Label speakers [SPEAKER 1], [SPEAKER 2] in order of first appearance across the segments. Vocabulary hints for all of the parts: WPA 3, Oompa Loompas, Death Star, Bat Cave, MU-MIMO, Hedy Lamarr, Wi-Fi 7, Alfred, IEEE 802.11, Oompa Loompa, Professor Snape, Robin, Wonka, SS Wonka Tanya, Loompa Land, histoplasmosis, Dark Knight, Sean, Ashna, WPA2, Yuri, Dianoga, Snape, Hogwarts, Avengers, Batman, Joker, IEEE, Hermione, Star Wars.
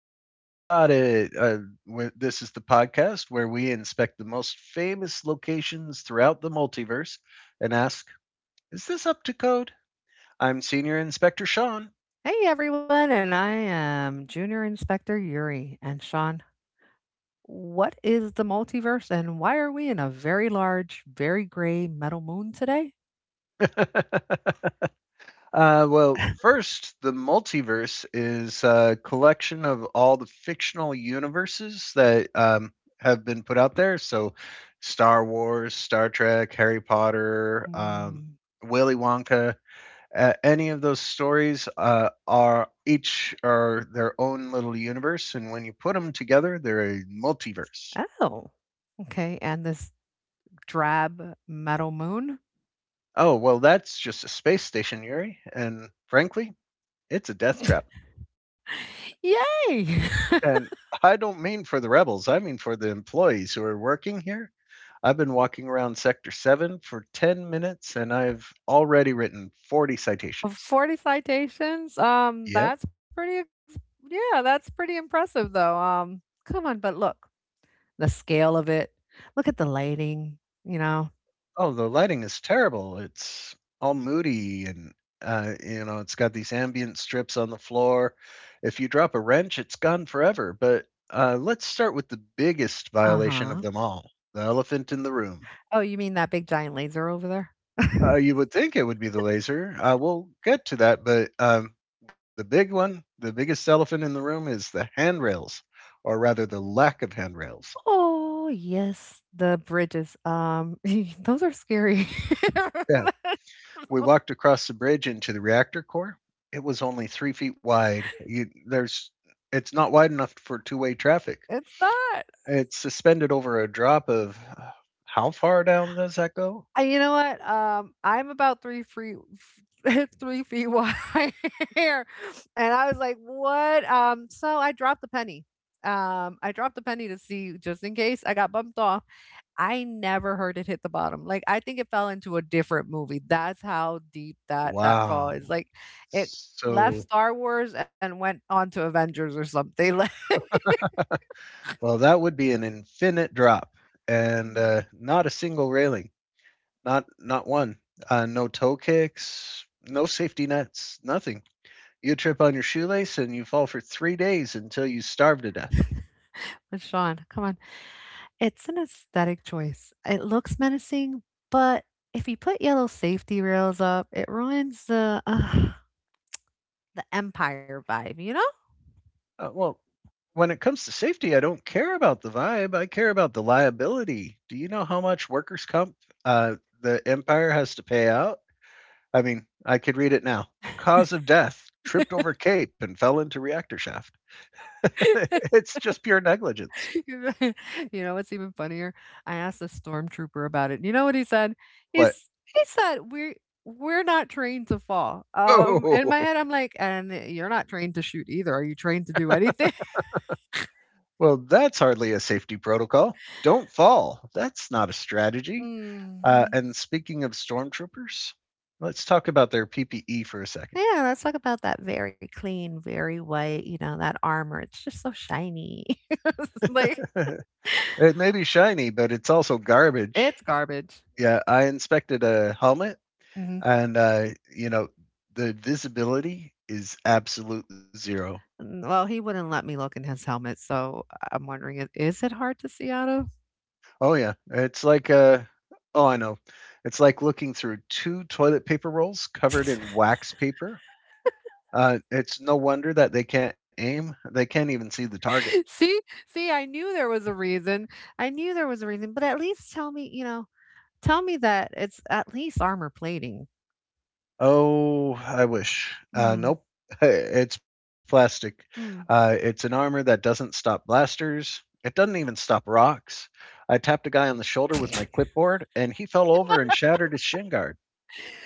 [SPEAKER 1] Safety Audit. This is the podcast where we inspect the most famous locations throughout the multiverse and ask, is this up to code? I'm Senior Inspector Sean.
[SPEAKER 2] Hey everyone, and I am Junior Inspector Yuri. And Sean, what is the multiverse and why are we in a very large, very gray metal moon today?
[SPEAKER 1] Well, first, the multiverse is a collection of all the fictional universes that have been put out there. So, Star Wars, Star Trek, Harry Potter,
[SPEAKER 2] Mm.
[SPEAKER 1] Willy Wonka. Any of those stories are their own little universe, and when you put them together, they're a multiverse.
[SPEAKER 2] Oh, okay. And this drab metal moon?
[SPEAKER 1] Oh well, that's just a space station, Yuri, and frankly, it's a death trap.
[SPEAKER 2] Yay!
[SPEAKER 1] And I don't mean for the rebels, I mean for the employees who are working here. I've been walking around Sector 7 for 10 minutes and I've already written 40
[SPEAKER 2] Of
[SPEAKER 1] citations.
[SPEAKER 2] 40 citations?
[SPEAKER 1] Yep.
[SPEAKER 2] That's pretty, yeah, that's pretty impressive though. Come on, but look, the scale of it, look at the lighting, you know?
[SPEAKER 1] Oh, the lighting is terrible. It's all moody and it's got these ambient strips on the floor. If you drop a wrench, it's gone forever. But let's start with the biggest
[SPEAKER 2] Uh
[SPEAKER 1] violation of them
[SPEAKER 2] huh.
[SPEAKER 1] all, the elephant in the room.
[SPEAKER 2] Oh, you mean that big giant laser over there?
[SPEAKER 1] You would think it would be the laser. We'll get to that, but the big one, the biggest elephant in the room, is the handrails, or rather, the lack of handrails.
[SPEAKER 2] Oh, yes, the bridges, those are scary.
[SPEAKER 1] Yeah, we walked across the bridge into the reactor core. It was only 3 feet wide. It's not wide enough for two-way traffic.
[SPEAKER 2] It's not.
[SPEAKER 1] It's suspended over a drop of how far down does that go?
[SPEAKER 2] You know what? I'm about 3 feet, 3 feet wide here, and I was like, "What?" So I dropped the penny. I dropped the penny to see just in case I got bumped off. I never heard it hit the bottom. Like I think it fell into a different movie. That's how deep that fall
[SPEAKER 1] Wow.
[SPEAKER 2] is. Like it left
[SPEAKER 1] So,
[SPEAKER 2] Star Wars and went on to Avengers or something. Like.
[SPEAKER 1] well, that would be an infinite drop and
[SPEAKER 2] Mm.
[SPEAKER 1] not a single railing. Not one. No toe kicks, no safety nets, nothing. You trip on your shoelace and you fall for 3 days until you starve to death.
[SPEAKER 2] But Sean, come on. It's an aesthetic choice. It looks menacing, but if you put yellow safety rails up, it ruins the the empire vibe, you know?
[SPEAKER 1] Well, when it comes to safety, I don't care about the vibe. I care about the liability. Do you know how much workers' comp the empire has to pay out? I mean, I could read it now. Cause of death: tripped over cape and fell into reactor shaft. It's just pure negligence.
[SPEAKER 2] you know you know what's even funnier? I asked a stormtrooper about it. You know what he said?
[SPEAKER 1] What?
[SPEAKER 2] He said we're not trained to fall. In my
[SPEAKER 1] Oh,
[SPEAKER 2] head, I'm like, and you're not trained to shoot either. Are you trained to do anything?
[SPEAKER 1] well, that's hardly a safety protocol. Don't fall. That's not a strategy. Uh,
[SPEAKER 2] Mm.
[SPEAKER 1] and speaking of stormtroopers, let's talk about their PPE for a second.
[SPEAKER 2] Yeah, let's talk about that very clean, very white, that armor. It's just so shiny. It's like.
[SPEAKER 1] It may be shiny, but it's also garbage.
[SPEAKER 2] It's garbage.
[SPEAKER 1] Yeah, I inspected a helmet,
[SPEAKER 2] Mhm.
[SPEAKER 1] and you know the visibility is absolute zero.
[SPEAKER 2] Mm, well, he wouldn't let me look in his helmet, so I am wondering, is it hard to see out of?
[SPEAKER 1] Oh yeah, it's like oh I know, it's like looking through two toilet paper rolls covered in wax paper. It's no wonder that they can't aim. They can't even see the target.
[SPEAKER 2] See, I knew there was a reason. I knew there was a reason, but at least tell me, tell me that it's at least armor plating.
[SPEAKER 1] Oh, I wish. Uh,
[SPEAKER 2] Mm.
[SPEAKER 1] nope. It's
[SPEAKER 2] Mm.
[SPEAKER 1] plastic. It's an armor that doesn't stop blasters. It doesn't even stop rocks. I tapped a guy on the shoulder with my clipboard, and he fell over and shattered his shin guard.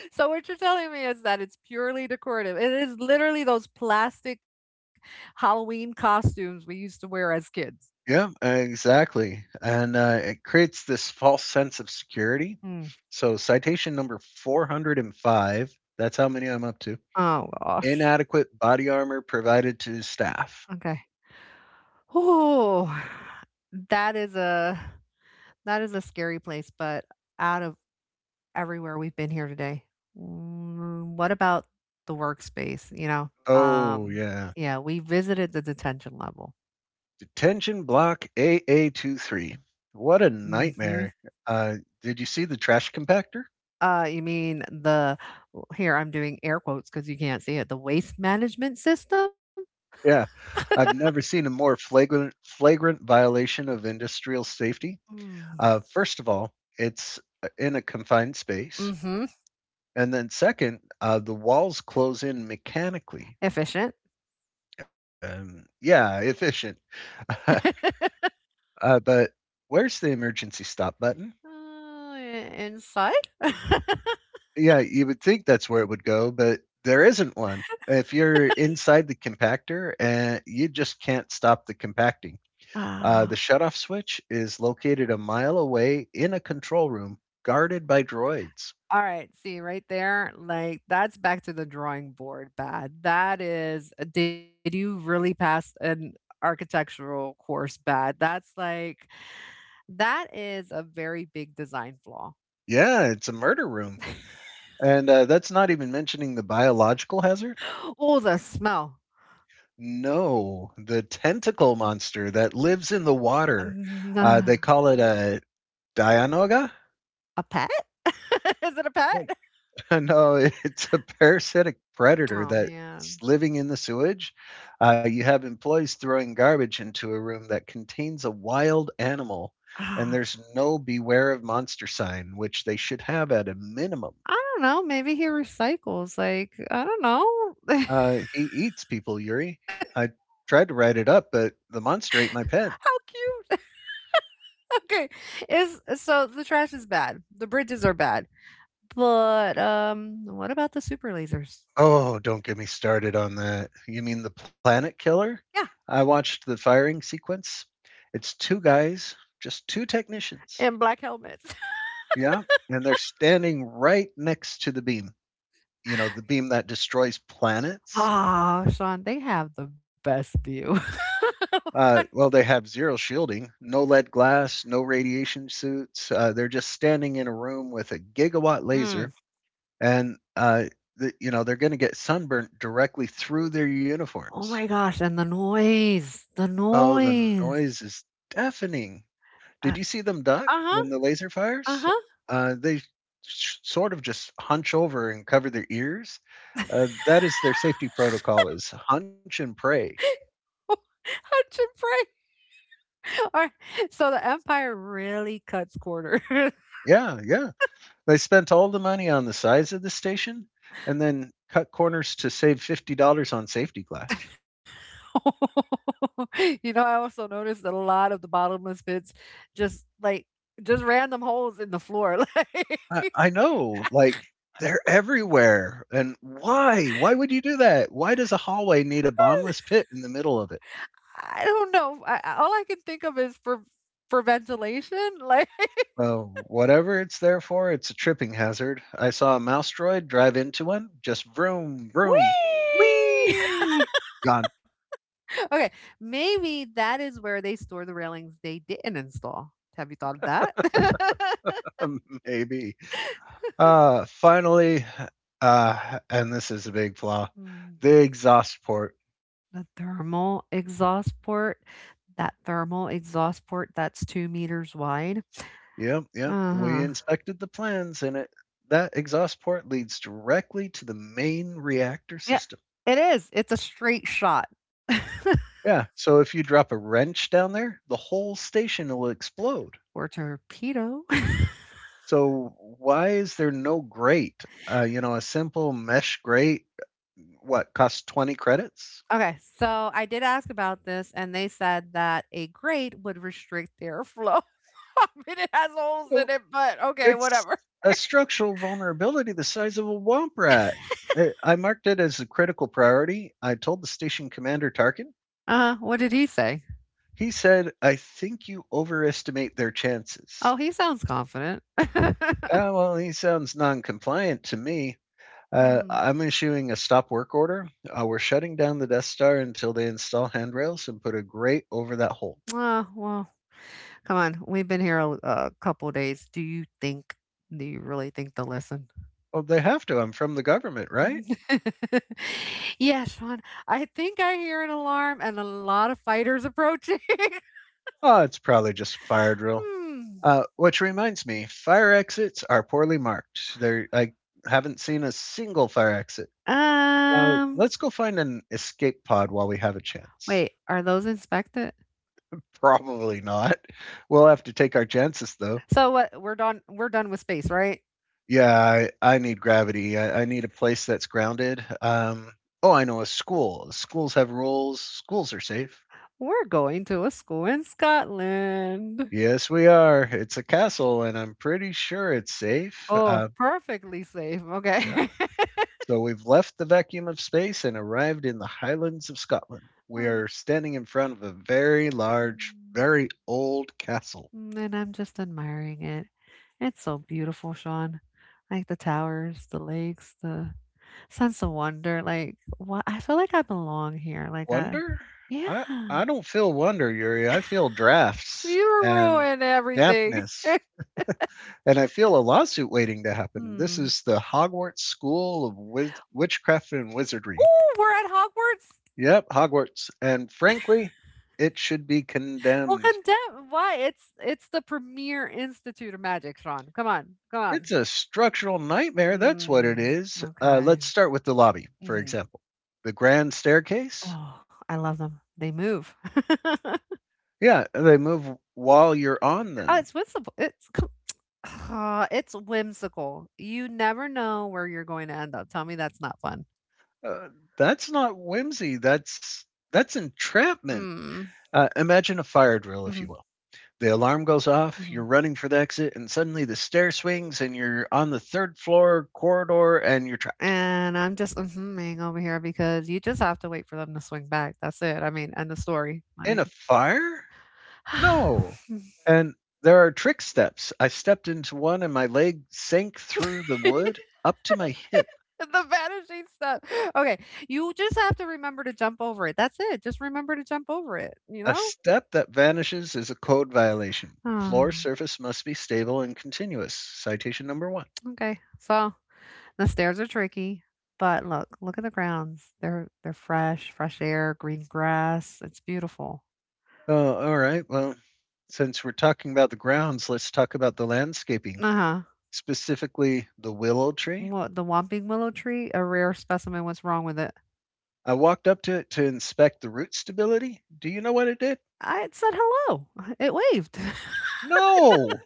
[SPEAKER 2] So what you're telling me is that it's purely decorative. It is literally those plastic Halloween costumes we used to wear as kids.
[SPEAKER 1] Yeah, exactly. And it creates this false sense of security.
[SPEAKER 2] Mm.
[SPEAKER 1] So, citation number 405, that's how many I'm up to.
[SPEAKER 2] Oh gosh.
[SPEAKER 1] Inadequate body armor provided to staff.
[SPEAKER 2] Okay. Oh, that is a that is a scary place, but out of everywhere we've been here today, what about the workspace, you know?
[SPEAKER 1] Oh,
[SPEAKER 2] Um,
[SPEAKER 1] yeah.
[SPEAKER 2] yeah, we visited the detention level.
[SPEAKER 1] Detention block AA-23. What a
[SPEAKER 2] Mhm.
[SPEAKER 1] nightmare. Did you see the trash compactor?
[SPEAKER 2] You mean the, here, I'm doing air quotes because you can't see it, the waste management system?
[SPEAKER 1] Yeah. I've never seen a more flagrant violation of industrial safety.
[SPEAKER 2] Mm.
[SPEAKER 1] First of all, it's in a confined space.
[SPEAKER 2] Mhm.
[SPEAKER 1] And then second, the walls close in mechanically.
[SPEAKER 2] Efficient.
[SPEAKER 1] Yeah, efficient. But where's the emergency stop button?
[SPEAKER 2] Uh, inside?
[SPEAKER 1] Yeah, you would think that's where it would go, but there isn't one. If you're inside the compactor, you just can't stop the compacting. The
[SPEAKER 2] Ah,
[SPEAKER 1] shutoff switch is located a mile away in a control room guarded by droids.
[SPEAKER 2] alright, see, right there, like, that's back to the drawing board bad. That is did you really pass an architectural course bad? That's like that is a very big design flaw.
[SPEAKER 1] Yeah, it's a murder room. And that's not even mentioning the biological hazard.
[SPEAKER 2] Oh, the smell.
[SPEAKER 1] No, the tentacle monster that lives in the water. They call it a Dianoga.
[SPEAKER 2] A pet? Is it a pet?
[SPEAKER 1] No, it's a parasitic predator
[SPEAKER 2] Oh,
[SPEAKER 1] that's
[SPEAKER 2] man.
[SPEAKER 1] living in the sewage. You have employees throwing garbage into a room that contains a wild animal, and
[SPEAKER 2] I
[SPEAKER 1] there's no beware of monster sign, which they should have at a minimum.
[SPEAKER 2] don't know, maybe he recycles, like, I don't know. How
[SPEAKER 1] He eats people, Yuri. I tried to write it up, but the monster ate my pen.
[SPEAKER 2] cute. Okay, is so the trash is bad, the bridges are bad, but, what about the super lasers?
[SPEAKER 1] Oh, don't get me started on that. You mean the planet killer?
[SPEAKER 2] Yeah,
[SPEAKER 1] I watched the firing sequence. It's two guys, just two technicians.
[SPEAKER 2] and black helmets.
[SPEAKER 1] Yeah, and they're standing right next to the beam. You know, the beam that destroys planets.
[SPEAKER 2] Ah, Sean, they have the best view.
[SPEAKER 1] Well, they have zero shielding, no lead glass, no radiation suits. They're just standing in a room with a gigawatt
[SPEAKER 2] Mm.
[SPEAKER 1] laser, and you know they're going to get sunburnt directly through their
[SPEAKER 2] Oh
[SPEAKER 1] uniforms.
[SPEAKER 2] my gosh, and the noise, the
[SPEAKER 1] Oh, the
[SPEAKER 2] noise.
[SPEAKER 1] noise is deafening. Did
[SPEAKER 2] Uh
[SPEAKER 1] you see them duck
[SPEAKER 2] uh-huh,
[SPEAKER 1] when the laser fires?
[SPEAKER 2] uh-huh.
[SPEAKER 1] They sort of just hunch over and cover their ears. That is their safety protocol is hunch and pray.
[SPEAKER 2] Hunch and pray. Or so the empire really cuts corners.
[SPEAKER 1] Yeah, yeah. They spent all the money on the size of the station and then cut corners to save $50 on safety glass.
[SPEAKER 2] I also noticed that a lot of the bottomless pits just, like just random holes in the floor, like,
[SPEAKER 1] I know, like they're everywhere. And why? Why would you do that? Why does a hallway need a bombless pit in the middle of it?
[SPEAKER 2] I don't know, I all I can think of is for ventilation, like.
[SPEAKER 1] Well, whatever it's there for, it's a tripping hazard. I saw a mouse droid drive into one, just vroom, vroom,
[SPEAKER 2] Whee!
[SPEAKER 1] whee, gone.
[SPEAKER 2] Okay, maybe that is where they store the railings they didn't install. Have you thought of that?
[SPEAKER 1] Maybe. Finally, and this is a big flaw,
[SPEAKER 2] Hmm.
[SPEAKER 1] the exhaust port.
[SPEAKER 2] The thermal exhaust port, that thermal exhaust port that's 2 meters wide.
[SPEAKER 1] Yep, yep. We
[SPEAKER 2] Uh-huh.
[SPEAKER 1] inspected the plans, and it that exhaust port leads directly to the main reactor
[SPEAKER 2] Yeah,
[SPEAKER 1] system.
[SPEAKER 2] it is. It's a straight shot
[SPEAKER 1] Yeah, so if you drop a wrench down there, the whole station will explode.
[SPEAKER 2] or torpedo.
[SPEAKER 1] So why is there no grate? A simple mesh grate, what costs 20 credits?
[SPEAKER 2] Okay, so I did ask about this, and they said that a grate would restrict the airflow. I mean, it has holes in
[SPEAKER 1] Well,
[SPEAKER 2] it, but okay,
[SPEAKER 1] it's
[SPEAKER 2] whatever.
[SPEAKER 1] a structural vulnerability the size of a womp rat. I marked it as a critical priority. I told the station commander Tarkin.
[SPEAKER 2] Uh-huh. What did he say?
[SPEAKER 1] He said, I think you overestimate their chances.
[SPEAKER 2] Oh, he sounds confident.
[SPEAKER 1] Ah, well, he sounds non compliant to me. Uh,
[SPEAKER 2] Hmm.
[SPEAKER 1] I'm issuing a stop work order. We're shutting down the Death Star until they install handrails and put a grate over that hole.
[SPEAKER 2] Oh, well. Come on, we've been here a couple days. Do you really think they'll listen?
[SPEAKER 1] Well, they have to. I'm from the government, right?
[SPEAKER 2] Yeah, Sean, I think I hear an alarm and a lot of fighters approaching.
[SPEAKER 1] Oh, it's probably just fire drill.
[SPEAKER 2] Hmm.
[SPEAKER 1] Which reminds me, fire exits are poorly marked. There, I haven't seen a single fire exit. Uh,
[SPEAKER 2] Um,
[SPEAKER 1] let's go find an escape pod while we have a chance.
[SPEAKER 2] wait, are those inspected?
[SPEAKER 1] Probably not. We'll have to take our chances, though.
[SPEAKER 2] So what? We're done. We're done with space, right?
[SPEAKER 1] Yeah, I need gravity. I need a place that's grounded. Oh, I know a school. Schools have rules. Schools are safe.
[SPEAKER 2] We're going to a school in Scotland.
[SPEAKER 1] Yes, we are. It's a castle, and I'm pretty sure it's safe.
[SPEAKER 2] Oh,
[SPEAKER 1] Uh,
[SPEAKER 2] perfectly safe.
[SPEAKER 1] Yeah.
[SPEAKER 2] Okay.
[SPEAKER 1] So we've left the vacuum of space and arrived in the Highlands of Scotland. We
[SPEAKER 2] Um,
[SPEAKER 1] are standing in front of a very large,
[SPEAKER 2] hmm.
[SPEAKER 1] very old castle.
[SPEAKER 2] Mm, and I'm just admiring it. It's so beautiful, Sean. Like the towers, the lakes, the sense of wonder. Like, what? I feel like I belong here. Like,
[SPEAKER 1] Wonder? I
[SPEAKER 2] yeah,
[SPEAKER 1] I don't feel wonder, Yuri. I feel drafts
[SPEAKER 2] you
[SPEAKER 1] and
[SPEAKER 2] ruined everything.
[SPEAKER 1] dampness. And I feel a lawsuit waiting to happen. This
[SPEAKER 2] Hmm.
[SPEAKER 1] is the Hogwarts School of Witchcraft and Wizardry.
[SPEAKER 2] Oh, we're at Hogwarts.
[SPEAKER 1] Yep, Hogwarts. And frankly, it should be
[SPEAKER 2] Well,
[SPEAKER 1] condemned.
[SPEAKER 2] condemn. Why? It's the premier institute of magic, Sean. Come on, come on.
[SPEAKER 1] It's a structural nightmare, that's what it
[SPEAKER 2] Mm,
[SPEAKER 1] is. Uh,
[SPEAKER 2] okay.
[SPEAKER 1] let's start with the lobby, for
[SPEAKER 2] Hmm.
[SPEAKER 1] example. The grand staircase?
[SPEAKER 2] Oh, I love them. They move.
[SPEAKER 1] Yeah, they move while you're on
[SPEAKER 2] Oh,
[SPEAKER 1] them.
[SPEAKER 2] it's whimsical. It's whimsical. You never know where you're going to end up. Tell me that's not fun.
[SPEAKER 1] Uh, that's not whimsy, that's entrapment.
[SPEAKER 2] Mm.
[SPEAKER 1] Imagine a fire drill, if you
[SPEAKER 2] Mhm,
[SPEAKER 1] will. The alarm goes off, you're
[SPEAKER 2] mhm.
[SPEAKER 1] running for the exit, and suddenly the stair swings and you're on the third floor corridor and you're trapped.
[SPEAKER 2] And I'm just mhm-ing over here because you just have to wait for them to swing back. That's it. I mean, end of story.
[SPEAKER 1] In
[SPEAKER 2] Like,
[SPEAKER 1] a fire? No, and there are trick steps. I stepped into one and my leg sank through the wood up to my hip.
[SPEAKER 2] the vanishing stuff. Okay, you just have to remember to jump over it. That's it. Just remember to jump over it, you
[SPEAKER 1] A
[SPEAKER 2] know?
[SPEAKER 1] step that vanishes is a code violation. Floor
[SPEAKER 2] Ah,
[SPEAKER 1] surface must be stable and continuous. Citation number one.
[SPEAKER 2] okay, so the stairs are tricky, but look, look at the grounds. They're fresh, fresh air, green grass. It's beautiful.
[SPEAKER 1] Oh, all right. Well, since we're talking about the grounds, let's talk about the landscaping,
[SPEAKER 2] Uh-huh.
[SPEAKER 1] specifically the willow tree.
[SPEAKER 2] What, the whomping willow tree, a rare specimen. What's wrong with it?
[SPEAKER 1] I walked up to it to inspect the root stability. Do you know what it did?
[SPEAKER 2] I it said hello. It waved.
[SPEAKER 1] No.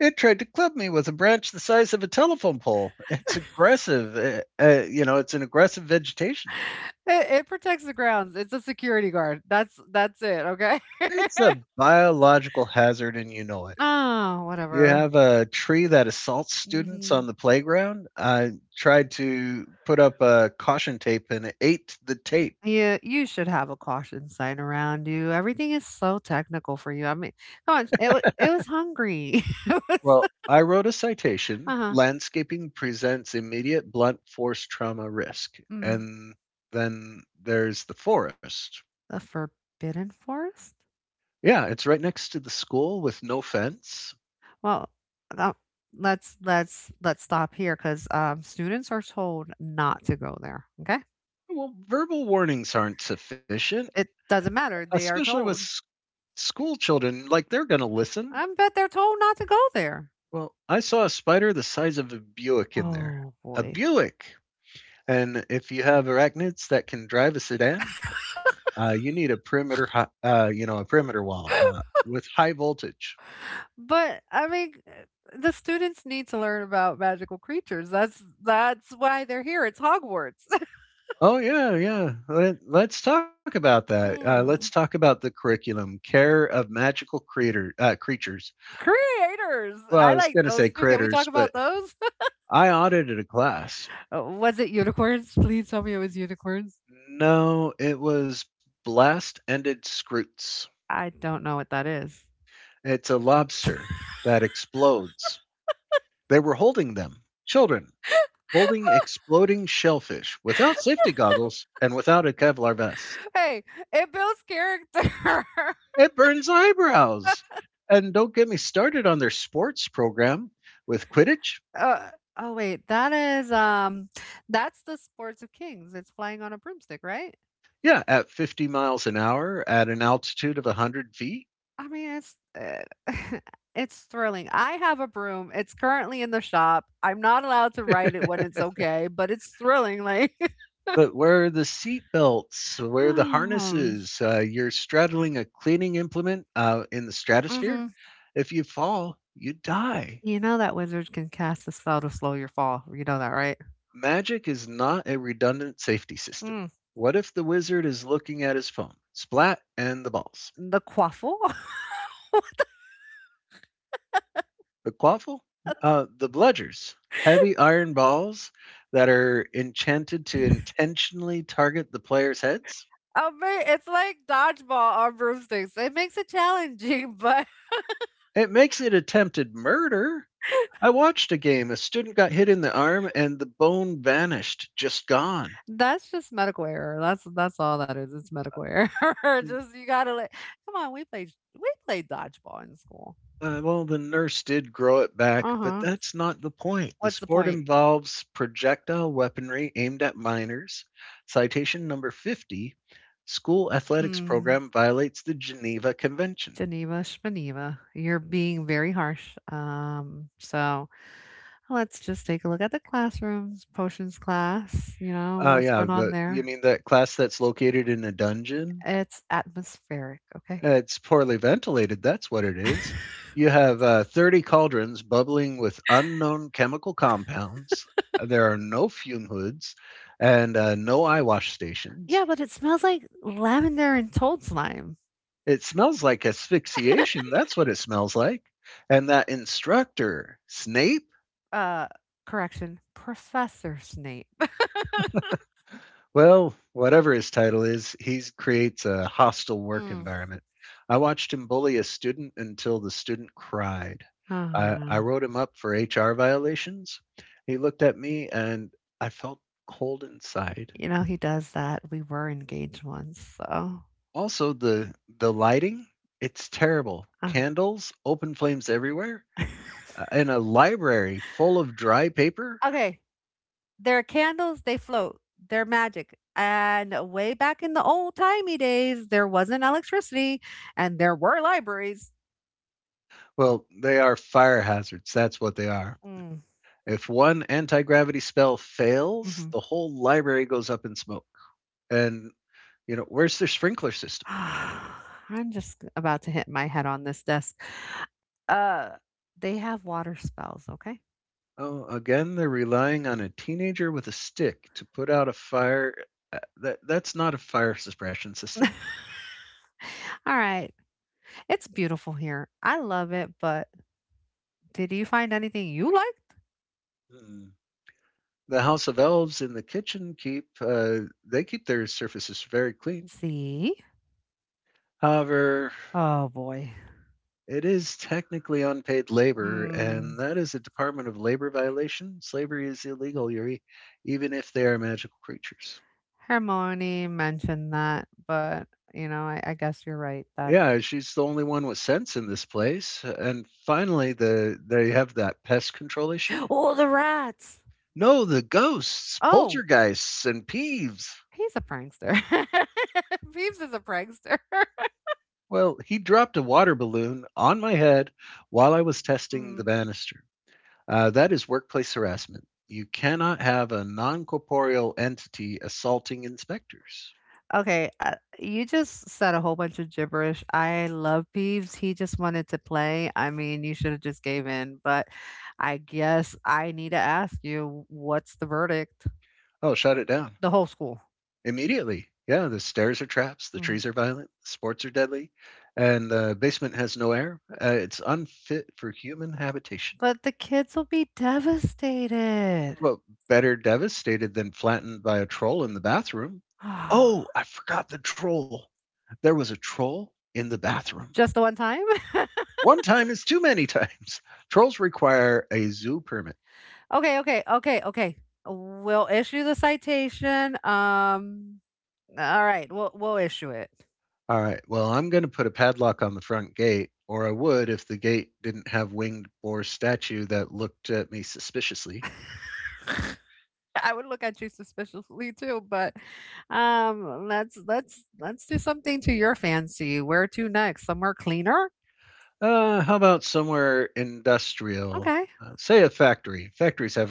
[SPEAKER 1] It tried to club me with a branch the size of a telephone pole. It's aggressive. It's an aggressive vegetation.
[SPEAKER 2] It protects the grounds. It's a security guard. That's it. Okay.
[SPEAKER 1] It's a biological hazard, and you know it.
[SPEAKER 2] Oh,
[SPEAKER 1] You
[SPEAKER 2] whatever.
[SPEAKER 1] have a tree that assaults students on
[SPEAKER 2] Hmm.
[SPEAKER 1] the playground. I tried to put up a caution tape and it ate the tape.
[SPEAKER 2] Yeah, you should have a caution sign around you. Everything is so technical for you. I mean, come on. It was hungry. It was.
[SPEAKER 1] Well, I wrote a citation.
[SPEAKER 2] Uh huh.
[SPEAKER 1] Landscaping presents immediate blunt force trauma risk.
[SPEAKER 2] Mm.
[SPEAKER 1] And then there's the forest.
[SPEAKER 2] The Forbidden Forest?
[SPEAKER 1] Yeah, it's right next to the school with no fence.
[SPEAKER 2] Well, uh, let's stop here because students are told not to go there. Okay,
[SPEAKER 1] Well, verbal warnings aren't sufficient,
[SPEAKER 2] it doesn't matter. They are
[SPEAKER 1] especially with
[SPEAKER 2] told.
[SPEAKER 1] school children. Like, they're going to listen.
[SPEAKER 2] I bet they're told not to go there.
[SPEAKER 1] Well, I saw a spider the size of a Buick in there.
[SPEAKER 2] Oh
[SPEAKER 1] A
[SPEAKER 2] boy!
[SPEAKER 1] Buick! And if you have arachnids that can drive a sedan, you need a perimeter, hi- you know, a perimeter wall with high voltage.
[SPEAKER 2] But I mean, the students need to learn about magical creatures. That's why they're here. It's Hogwarts.
[SPEAKER 1] Oh yeah, yeah. Let's talk about that. Let's
[SPEAKER 2] Mm.
[SPEAKER 1] talk about the curriculum, care of magical creator creatures.
[SPEAKER 2] Creators.
[SPEAKER 1] Well,
[SPEAKER 2] I
[SPEAKER 1] I was
[SPEAKER 2] like
[SPEAKER 1] going to
[SPEAKER 2] those
[SPEAKER 1] say
[SPEAKER 2] too. Can we talk
[SPEAKER 1] critters, but
[SPEAKER 2] about those?
[SPEAKER 1] I audited a class.
[SPEAKER 2] Was it unicorns? Please tell me it was unicorns.
[SPEAKER 1] No, it was blast-ended scroots.
[SPEAKER 2] I don't know what that is.
[SPEAKER 1] It's a lobster that explodes. They were holding them, children, holding exploding shellfish without safety goggles and without a Kevlar vest.
[SPEAKER 2] Hey, it builds character.
[SPEAKER 1] It burns eyebrows. And don't get me started on their sports program with Quidditch.
[SPEAKER 2] Uh, oh wait, that's the Sports of Kings. It's flying on a broomstick, right?
[SPEAKER 1] Yeah, at 50 miles an hour at an altitude of 100 feet.
[SPEAKER 2] I mean, it's it's thrilling. I have a broom. It's currently in the shop. I'm not allowed to ride it when it's okay, but it's thrilling like.
[SPEAKER 1] But where are the seat belts? Where are the
[SPEAKER 2] Hmm,
[SPEAKER 1] harnesses? You're straddling a cleaning implement in the stratosphere.
[SPEAKER 2] mhm.
[SPEAKER 1] If you fall, you die.
[SPEAKER 2] You know that wizard can cast a spell to slow your fall. You know that, right?
[SPEAKER 1] Magic is not a redundant safety system.
[SPEAKER 2] Mm.
[SPEAKER 1] What if the wizard is looking at his phone? Splat and the balls.
[SPEAKER 2] The quaffle?
[SPEAKER 1] The quaffle? The bludgers. Heavy iron balls that are enchanted to intentionally target the player's heads.
[SPEAKER 2] I mean, it's like dodgeball on broomsticks. It makes it challenging, but.
[SPEAKER 1] It makes it attempted murder. I watched a game. A student got hit in the arm and the bone vanished, just gone.
[SPEAKER 2] That's just medical error. That's all that is. It's medical error.
[SPEAKER 1] And,
[SPEAKER 2] Just you gotta like, come on. We played dodgeball in school.
[SPEAKER 1] well, the nurse did grow it back,
[SPEAKER 2] Uh
[SPEAKER 1] but
[SPEAKER 2] huh.
[SPEAKER 1] that's not the point. The
[SPEAKER 2] What's the
[SPEAKER 1] sport
[SPEAKER 2] point?
[SPEAKER 1] involves projectile weaponry aimed at minors. Citation number 50. School athletics
[SPEAKER 2] Mm,
[SPEAKER 1] program violates the Geneva Convention.
[SPEAKER 2] Geneva, Geneva. You're being very harsh. So let's just take a look at the classrooms. Potions class. You know
[SPEAKER 1] Oh,
[SPEAKER 2] what's
[SPEAKER 1] yeah.
[SPEAKER 2] going on
[SPEAKER 1] You
[SPEAKER 2] there.
[SPEAKER 1] mean that class that's located in a dungeon?
[SPEAKER 2] It's atmospheric. Okay.
[SPEAKER 1] It's poorly ventilated, that's what it is. You have, 30 cauldrons bubbling with unknown chemical compounds. There are no fume hoods and, no eye wash stations.
[SPEAKER 2] Yeah, but it smells like lavender and toad slime.
[SPEAKER 1] It smells like asphyxiation, that's what it smells like. And that instructor, Snape?
[SPEAKER 2] Uh, correction, Professor Snape.
[SPEAKER 1] Well, whatever his title is, he creates a hostile work
[SPEAKER 2] Mm.
[SPEAKER 1] environment. I watched him bully a student until the student cried.
[SPEAKER 2] Oh,
[SPEAKER 1] I
[SPEAKER 2] no.
[SPEAKER 1] wrote him up for HR violations. He looked at me and I felt cold inside.
[SPEAKER 2] He does that. We were engaged once, so,
[SPEAKER 1] Also, the lighting, it's terrible.
[SPEAKER 2] uh
[SPEAKER 1] Candles, open flames everywhere, and a library full of dry paper.
[SPEAKER 2] Okay, they're candles, they float, they're magic, and way back in the old-timey days, there wasn't electricity, and there were libraries.
[SPEAKER 1] Well, they are fire hazards. That's what they are.
[SPEAKER 2] Mm,
[SPEAKER 1] If one anti-gravity spell fails,
[SPEAKER 2] mhm.
[SPEAKER 1] the whole library goes up in smoke. And you know, where's their sprinkler system?
[SPEAKER 2] I'm just about to hit my head on this desk. Uh, they have water spells, okay?
[SPEAKER 1] Oh, again, they're relying on a teenager with a stick to put out a fire. That's not a fire suppression system.
[SPEAKER 2] Alright. It's beautiful here. I love it, but did you find anything you liked?
[SPEAKER 1] Hmm. The House of Elves in the kitchen keep their surfaces very clean.
[SPEAKER 2] See?
[SPEAKER 1] However,
[SPEAKER 2] Oh, boy.
[SPEAKER 1] it is technically unpaid labor,
[SPEAKER 2] Hmm.
[SPEAKER 1] and that is a Department of Labor violation. Slavery is illegal, Yuri, even if they are magical creatures.
[SPEAKER 2] Hermione mentioned that, but, I guess you're right that
[SPEAKER 1] Yeah, she's the only one with sense in this place. And finally, they have that pest control issue.
[SPEAKER 2] oh, the rats!
[SPEAKER 1] No, the ghosts,
[SPEAKER 2] Oh,
[SPEAKER 1] poltergeists, and peeves.
[SPEAKER 2] he's a prankster. Peeves is a prankster.
[SPEAKER 1] Well, he dropped a water balloon on my head while I was testing the
[SPEAKER 2] Mm.
[SPEAKER 1] banister. That is workplace harassment. You cannot have a non corporeal entity assaulting inspectors.
[SPEAKER 2] Okay, you just said a whole bunch of gibberish. I love Peeves. He just wanted to play. I mean, you should have just gave in, but I guess I need to ask you what's the verdict?
[SPEAKER 1] Oh, shut it down.
[SPEAKER 2] The whole school.
[SPEAKER 1] Immediately. Yeah, the stairs are traps, the
[SPEAKER 2] Mm.
[SPEAKER 1] trees are violent, sports are deadly, and the basement has no air. It's unfit for human habitation.
[SPEAKER 2] But the kids will be devastated.
[SPEAKER 1] Well, better devastated than flattened by a troll in the bathroom. Oh, I forgot the troll. There was a troll in the bathroom.
[SPEAKER 2] Just the one time?
[SPEAKER 1] One time is too many times. Trolls require a zoo permit.
[SPEAKER 2] Okay, okay, okay, okay. We'll issue the citation. All right, we'll issue it.
[SPEAKER 1] All right, well, I'm going to put a padlock on the front gate, or I would if the gate didn't have winged boar statue that looked at me suspiciously.
[SPEAKER 2] I would look at you suspiciously too, but let's do something to your fancy. Where to next? Somewhere cleaner?
[SPEAKER 1] How about somewhere industrial?
[SPEAKER 2] Okay.
[SPEAKER 1] Say a factory. Factories have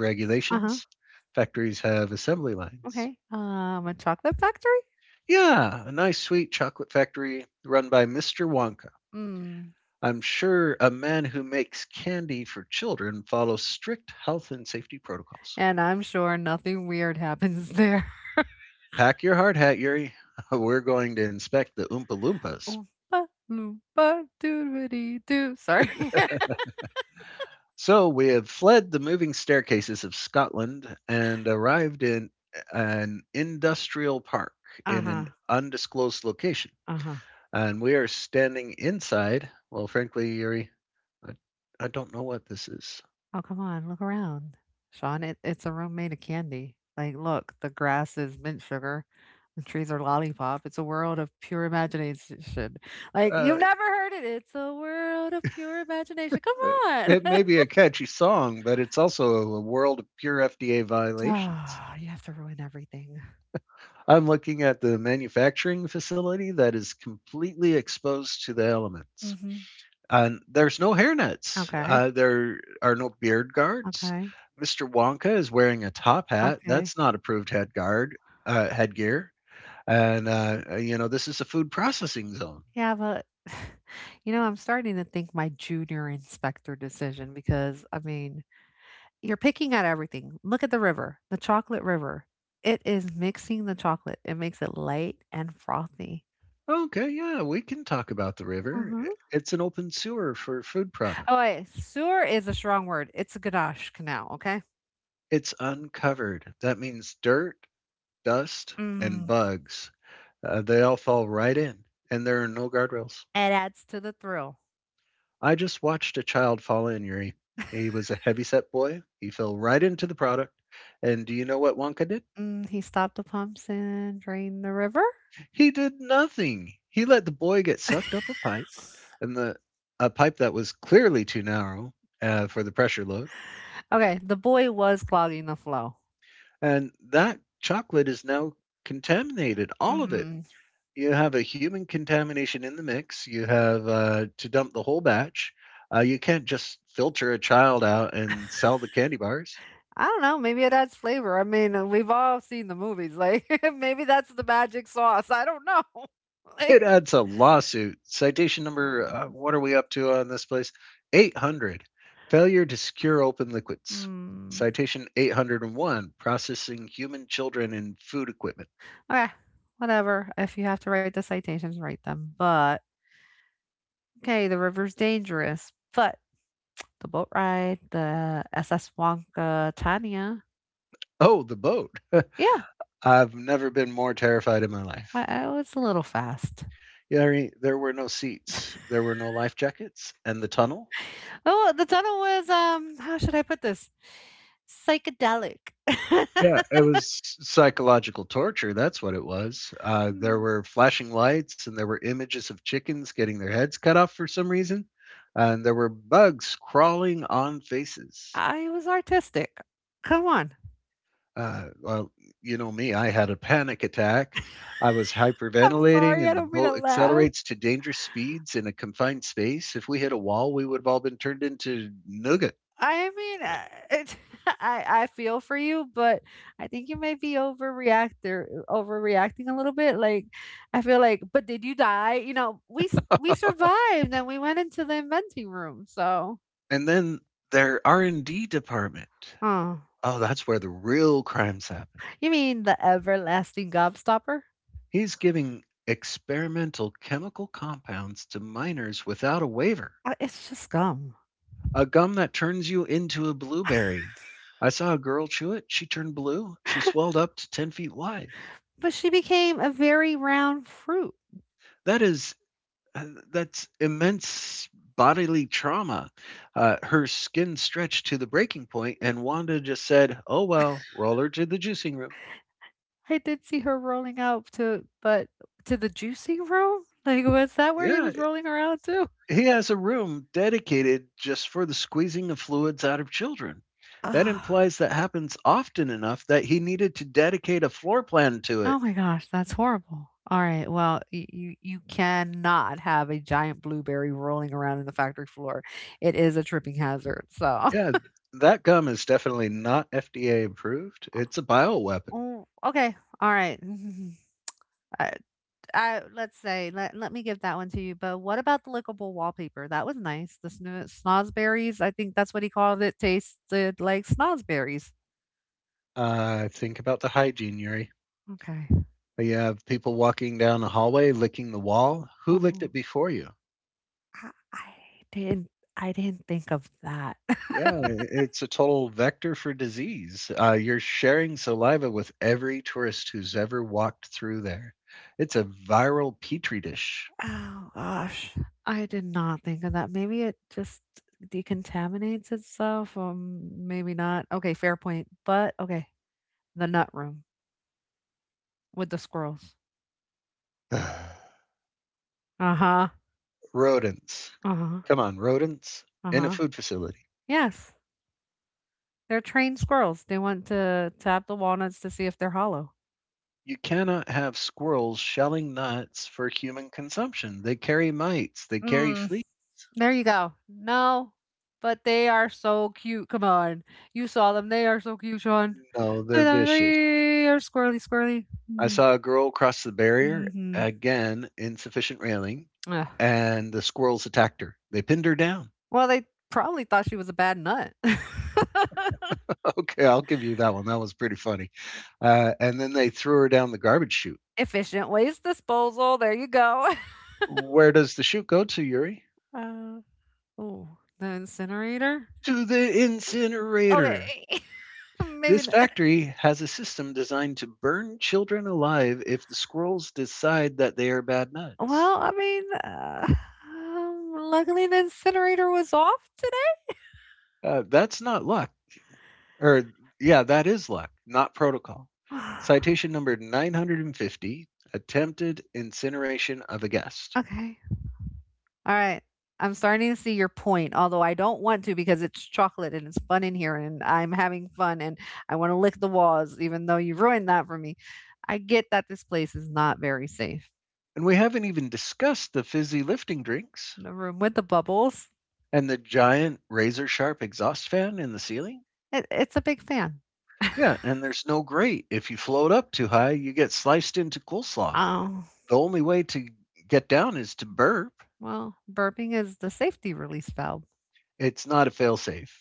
[SPEAKER 2] Uh-huh.
[SPEAKER 1] regulations. Factories have assembly lines.
[SPEAKER 2] Okay. A chocolate factory?
[SPEAKER 1] Yeah, a nice sweet chocolate factory run by Mr. Wonka.
[SPEAKER 2] Mm.
[SPEAKER 1] I'm sure a man who makes candy for children follows strict health and safety protocols.
[SPEAKER 2] And I'm sure nothing weird happens there.
[SPEAKER 1] Pack your hard hat, Yuri. We're going to inspect the Oompa Loompas.
[SPEAKER 2] Oompa loompa doodity doo. Sorry.
[SPEAKER 1] So we have fled the moving staircases of Scotland and arrived in an industrial park in
[SPEAKER 2] Uh-huh.
[SPEAKER 1] an undisclosed location.
[SPEAKER 2] Uh-huh.
[SPEAKER 1] And we are standing inside. Well, frankly, Yuri, I, I don't know what this is.
[SPEAKER 2] Oh, come on, look around, Sean. It's a room made of candy. Like, look, the grass is mint sugar, the trees are lollipop. It's a world of pure imagination. Like,
[SPEAKER 1] Uh,
[SPEAKER 2] you've never heard it. It's a world of pure imagination.
[SPEAKER 1] uh,
[SPEAKER 2] Come on.
[SPEAKER 1] it may be a catchy song, but it's also a world of pure FDA violations.
[SPEAKER 2] Oh, you have to ruin everything.
[SPEAKER 1] I'm looking at the manufacturing facility that is completely exposed to the elements.
[SPEAKER 2] Hmm.
[SPEAKER 1] And there's no hairnets.
[SPEAKER 2] Okay,
[SPEAKER 1] There are no beard guards.
[SPEAKER 2] okay,
[SPEAKER 1] Mr. Wonka is wearing a top hat.
[SPEAKER 2] okay.
[SPEAKER 1] That's not approved headgear. And you know this is a food processing zone.
[SPEAKER 2] Yeah, but I'm starting to think my junior inspector decision because I mean, you're picking at everything. Look at the river, the chocolate river. It is mixing the chocolate. It makes it light and frothy.
[SPEAKER 1] Okay, yeah, we can talk about the river.
[SPEAKER 2] Mhm.
[SPEAKER 1] It's an open sewer for food product.
[SPEAKER 2] Oh, wait, sewer is a strong word. It's a ganache canal, okay?
[SPEAKER 1] It's uncovered. That means dirt, dust, and
[SPEAKER 2] Mm.
[SPEAKER 1] bugs. They all fall right in, and there are no guardrails.
[SPEAKER 2] It adds to the thrill.
[SPEAKER 1] I just watched a child fall in, Yuri. He was a heavyset boy. He fell right into the product. And do you know what Wonka did?
[SPEAKER 2] He stopped the pumps and drained the river.
[SPEAKER 1] He did nothing. He let the boy get sucked up a pipe, and the a pipe that was clearly too narrow for the pressure load.
[SPEAKER 2] Okay, the boy was clogging the flow.
[SPEAKER 1] And that chocolate is now contaminated, all of it.
[SPEAKER 2] Hmm.
[SPEAKER 1] You have a human contamination in the mix. You have to dump the whole batch. You can't just filter a child out and sell the candy bars.
[SPEAKER 2] I don't know. Maybe it adds flavor. I mean, we've all seen the movies. Like, maybe that's the magic sauce. I don't know. Like,
[SPEAKER 1] It adds a lawsuit. Citation number,
[SPEAKER 2] Mm.
[SPEAKER 1] what are we up to on this place? 800. Failure to secure open liquids.
[SPEAKER 2] Mm.
[SPEAKER 1] Citation 801. Processing human children in food equipment.
[SPEAKER 2] Okay, whatever. If you have to write the citations, write them. But okay, the river's dangerous, but the boat ride, the SS Wonka Tanya,
[SPEAKER 1] Oh, the boat.
[SPEAKER 2] yeah,
[SPEAKER 1] I've never been more terrified in my life.
[SPEAKER 2] I was a little fast.
[SPEAKER 1] Yeah, I mean, there were no seats, there were no life jackets, and the tunnel.
[SPEAKER 2] Oh, the tunnel was how should I put this? Psychedelic.
[SPEAKER 1] Yeah, it was psychological torture, that's what it was. There were flashing lights, and there were images of chickens getting their heads cut off for some reason, and there were bugs crawling on faces.
[SPEAKER 2] I was artistic. Come on.
[SPEAKER 1] Well, you know me, I had a panic attack. I was
[SPEAKER 2] I'm
[SPEAKER 1] hyperventilating,
[SPEAKER 2] sorry. I
[SPEAKER 1] and the
[SPEAKER 2] don't mean to
[SPEAKER 1] boat
[SPEAKER 2] laugh.
[SPEAKER 1] accelerates to dangerous speeds in a confined space. If we hit a wall, we would have all been turned into nougat.
[SPEAKER 2] I mean, it, I feel for you, but I think you may be overreactor overreacting a little bit. Like, I feel like, but did you die? You know, we survived and we went into the inventing room. So,
[SPEAKER 1] And then their R&D department.
[SPEAKER 2] oh,
[SPEAKER 1] Oh, that's where the real crimes happen.
[SPEAKER 2] you mean the everlasting gobstopper?
[SPEAKER 1] He's giving experimental chemical compounds to minors without a waiver.
[SPEAKER 2] It's just gum.
[SPEAKER 1] A gum that turns you into a blueberry. I saw a girl chew it. She turned blue. She swelled up to 10 feet wide.
[SPEAKER 2] But she became a very round fruit.
[SPEAKER 1] That is, uh, that's immense bodily trauma. Her skin stretched to the breaking point, and Wanda just said, Oh, well, roll her to the juicing room.
[SPEAKER 2] I did see her rolling out to, but to the juicing room. Like, was that where he
[SPEAKER 1] Yeah,
[SPEAKER 2] was rolling around to?
[SPEAKER 1] he has a room dedicated just for the squeezing of fluids out of children. That implies
[SPEAKER 2] Ah.
[SPEAKER 1] that happens often enough that he needed to dedicate a floor plan to it.
[SPEAKER 2] Oh my gosh, that's horrible. Alright, well, y you you cannot have a giant blueberry rolling around in the factory floor. It is a tripping hazard, so
[SPEAKER 1] Yeah, that gum is definitely not FDA approved. It's a bioweapon.
[SPEAKER 2] Oh, okay, alright. I I let's say, let me give that one to you, but what about the lickable wallpaper? That was nice. The snozberries, I think that's what he called it, tasted like snozberries.
[SPEAKER 1] Think about the hygiene, Yuri.
[SPEAKER 2] Okay.
[SPEAKER 1] You have people walking down a hallway licking the wall. Who licked
[SPEAKER 2] Oh,
[SPEAKER 1] it before you?
[SPEAKER 2] I I didn't I didn't think of that.
[SPEAKER 1] Yeah, it's a total vector for disease. You're sharing saliva with every tourist who's ever walked through there. It's a viral petri dish.
[SPEAKER 2] Oh gosh, I did not think of that. Maybe it just decontaminates itself. Maybe not. Okay, fair point. But okay, the nut room with the squirrels. Uh huh.
[SPEAKER 1] Rodents.
[SPEAKER 2] Uh huh.
[SPEAKER 1] Come on, rodents
[SPEAKER 2] Uh
[SPEAKER 1] in a
[SPEAKER 2] huh.
[SPEAKER 1] food facility.
[SPEAKER 2] Yes, they're trained squirrels. They want to tap the walnuts to see if they're hollow.
[SPEAKER 1] You cannot have squirrels shelling nuts for human consumption. They carry mites, they carry
[SPEAKER 2] Mm,
[SPEAKER 1] fleas.
[SPEAKER 2] there you go. No, but they are so cute. Come on, you saw them. They are so cute, Sean.
[SPEAKER 1] No,
[SPEAKER 2] Look
[SPEAKER 1] they're
[SPEAKER 2] at them.
[SPEAKER 1] vicious.
[SPEAKER 2] They are squirrely, squirrely.
[SPEAKER 1] I saw a girl cross the barrier,
[SPEAKER 2] Mm-hmm.
[SPEAKER 1] again, insufficient railing, and the squirrels attacked her. They pinned her down.
[SPEAKER 2] Well, they probably thought she was a bad nut.
[SPEAKER 1] Okay, I'll give you that one. That was pretty funny. And then they threw her down the garbage chute.
[SPEAKER 2] Efficient waste disposal, there you go.
[SPEAKER 1] Where does the chute go to, Yuri?
[SPEAKER 2] Uh, Ooh, the incinerator?
[SPEAKER 1] To the incinerator.
[SPEAKER 2] Okay, maybe
[SPEAKER 1] This
[SPEAKER 2] not
[SPEAKER 1] factory has a system designed to burn children alive if the squirrels decide that they are bad nuts.
[SPEAKER 2] well, I mean, luckily the incinerator was off today.
[SPEAKER 1] That's not luck. Or, yeah, that is luck, not protocol. Citation number 950, attempted incineration of a guest.
[SPEAKER 2] Okay, alright, I'm starting to see your point, although I don't want to because it's chocolate and it's fun in here and I'm having fun and I wanna lick the walls even though you ruined that for me. I get that this place is not very safe.
[SPEAKER 1] And we haven't even discussed the fizzy lifting drinks.
[SPEAKER 2] The room with the bubbles.
[SPEAKER 1] And the giant razor sharp exhaust fan in the ceiling?
[SPEAKER 2] It's a big fan.
[SPEAKER 1] Yeah, and there's no grate. If you float up too high, you get sliced into coleslaw.
[SPEAKER 2] Oh,
[SPEAKER 1] The only way to get down is to burp.
[SPEAKER 2] well, burping is the safety release valve.
[SPEAKER 1] It's not a failsafe.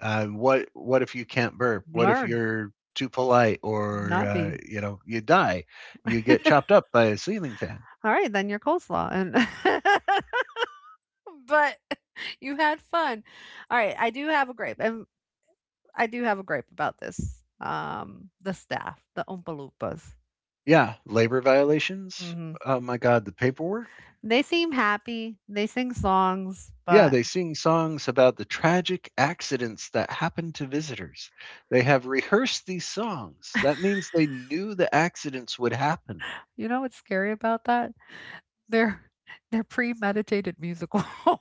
[SPEAKER 1] What if you can't burp? What if
[SPEAKER 2] Learn,
[SPEAKER 1] you're too polite or
[SPEAKER 2] not be.
[SPEAKER 1] you know you die? You get chopped up by a ceiling fan.
[SPEAKER 2] All right, then your coleslaw. And but you had fun. All right, I do have a gripe, and I do have a gripe about this. The staff, the Oompa Loompas.
[SPEAKER 1] Yeah, labor violations.
[SPEAKER 2] Hmm.
[SPEAKER 1] Oh my God, the paperwork.
[SPEAKER 2] They seem happy. They sing songs,
[SPEAKER 1] Yeah,
[SPEAKER 2] but
[SPEAKER 1] they sing songs about the tragic accidents that happen to visitors. They have rehearsed these songs. That means they knew the accidents would happen.
[SPEAKER 2] you know what's scary about that? They're they're premeditated musicals.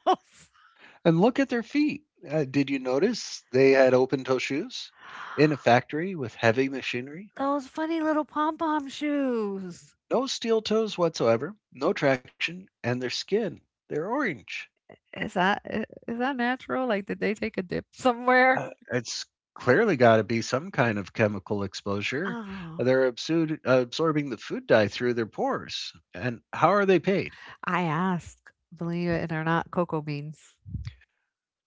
[SPEAKER 1] And look at their feet. Did you notice they had open toe shoes? In a factory with heavy machinery?
[SPEAKER 2] Those funny little pom-pom shoes.
[SPEAKER 1] No steel toes whatsoever, no traction, and their skin, they're orange.
[SPEAKER 2] Is that i is that natural? Like, did they take a dip somewhere?
[SPEAKER 1] It's clearly got to be some kind of chemical exposure.
[SPEAKER 2] Oh.
[SPEAKER 1] They're absorbing the food dye through their pores. And how are they paid?
[SPEAKER 2] I asked, believe it or not, cocoa beans.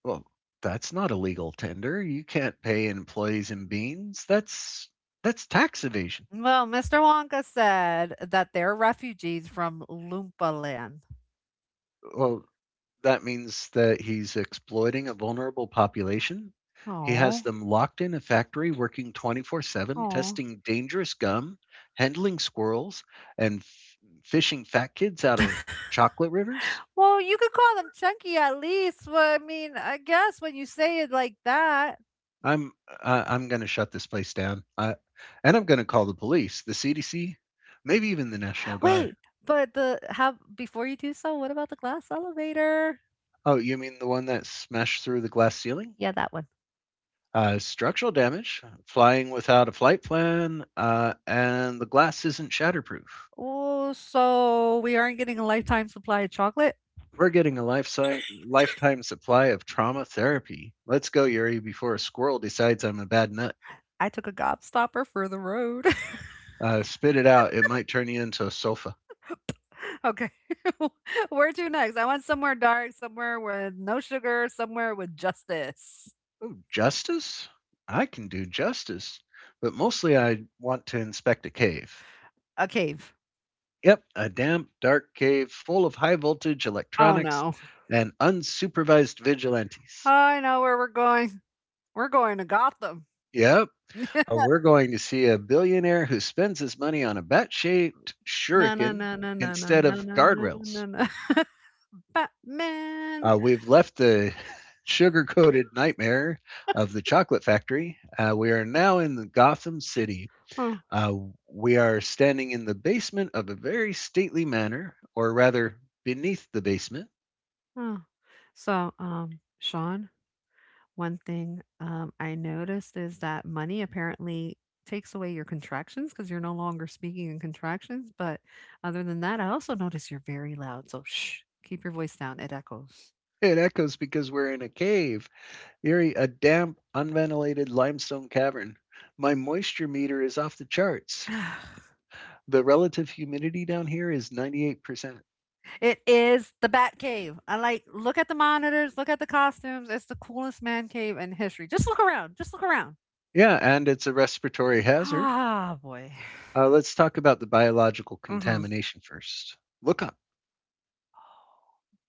[SPEAKER 1] Well, that's not illegal tender. You can't pay in employees in beans. That's tax evasion.
[SPEAKER 2] Well, Mr. Wonka said that they're refugees from Loompa Land.
[SPEAKER 1] Well, that means that he's exploiting a vulnerable population. He has
[SPEAKER 2] Oh,
[SPEAKER 1] them locked in a factory working 24/7,
[SPEAKER 2] oh.
[SPEAKER 1] testing dangerous gum, handling squirrels, and fishing fat kids out of chocolate rivers.
[SPEAKER 2] Well, you could call them chunky at least. Well, I mean, I guess when you say it like that.
[SPEAKER 1] I'm I'm going to shut this place down. And I'm going to call the police, the CDC, maybe even the National Guard.
[SPEAKER 2] Wait, but the how before you do so, what about the glass elevator?
[SPEAKER 1] Oh, you mean the one that smashed through the glass ceiling?
[SPEAKER 2] Yeah, that one.
[SPEAKER 1] Structural damage, flying without a flight plan, and the glass isn't shatterproof.
[SPEAKER 2] Oh, so we aren't getting a lifetime supply of chocolate?
[SPEAKER 1] We're getting a lifetime supply of trauma therapy. Let's go, Yuri, before a squirrel decides I'm a bad nut.
[SPEAKER 2] I took a gobstopper for the road.
[SPEAKER 1] Spit it out. It might turn you into a sofa.
[SPEAKER 2] Okay. Where to next? I want somewhere dark, somewhere with no sugar, somewhere with justice.
[SPEAKER 1] Justice? I can do justice, but mostly I want to inspect a cave.
[SPEAKER 2] A cave.
[SPEAKER 1] Yep, a damp, dark cave full of high voltage
[SPEAKER 2] Oh
[SPEAKER 1] electronics
[SPEAKER 2] no.
[SPEAKER 1] and unsupervised vigilantes.
[SPEAKER 2] I know where we're going. We're going to Gotham.
[SPEAKER 1] Yep, we're going to see a billionaire who spends his money on a bat shaped
[SPEAKER 2] No, no,
[SPEAKER 1] shuriken
[SPEAKER 2] no, no, no, no,
[SPEAKER 1] instead
[SPEAKER 2] no,
[SPEAKER 1] of
[SPEAKER 2] no, no, no,
[SPEAKER 1] guardrails.
[SPEAKER 2] no. Batman.
[SPEAKER 1] We've left the sugar coated nightmare of the chocolate factory. We are now in the Gotham City.
[SPEAKER 2] Oh,
[SPEAKER 1] Uh, we are standing in the basement of a very stately manor, or rather, beneath the basement.
[SPEAKER 2] oh. So, Sean, one thing, I noticed is that money apparently takes away your contractions because 'cause you're no longer speaking in contractions, but other than that, I also notice you're very loud, so shh, keep your voice down, it echoes.
[SPEAKER 1] It echoes because we're in a cave Erie, a damp, unventilated limestone cavern. My moisture meter is off the charts. The relative humidity down here is 98%.
[SPEAKER 2] It is the Bat Cave. I Like, look at the monitors, look at the costumes, it's the coolest man cave in history. Just look around, just look around.
[SPEAKER 1] Yeah, and it's a respiratory hazard.
[SPEAKER 2] Ah, boy.
[SPEAKER 1] Let's talk about the biological
[SPEAKER 2] Mhm,
[SPEAKER 1] contamination first. Look up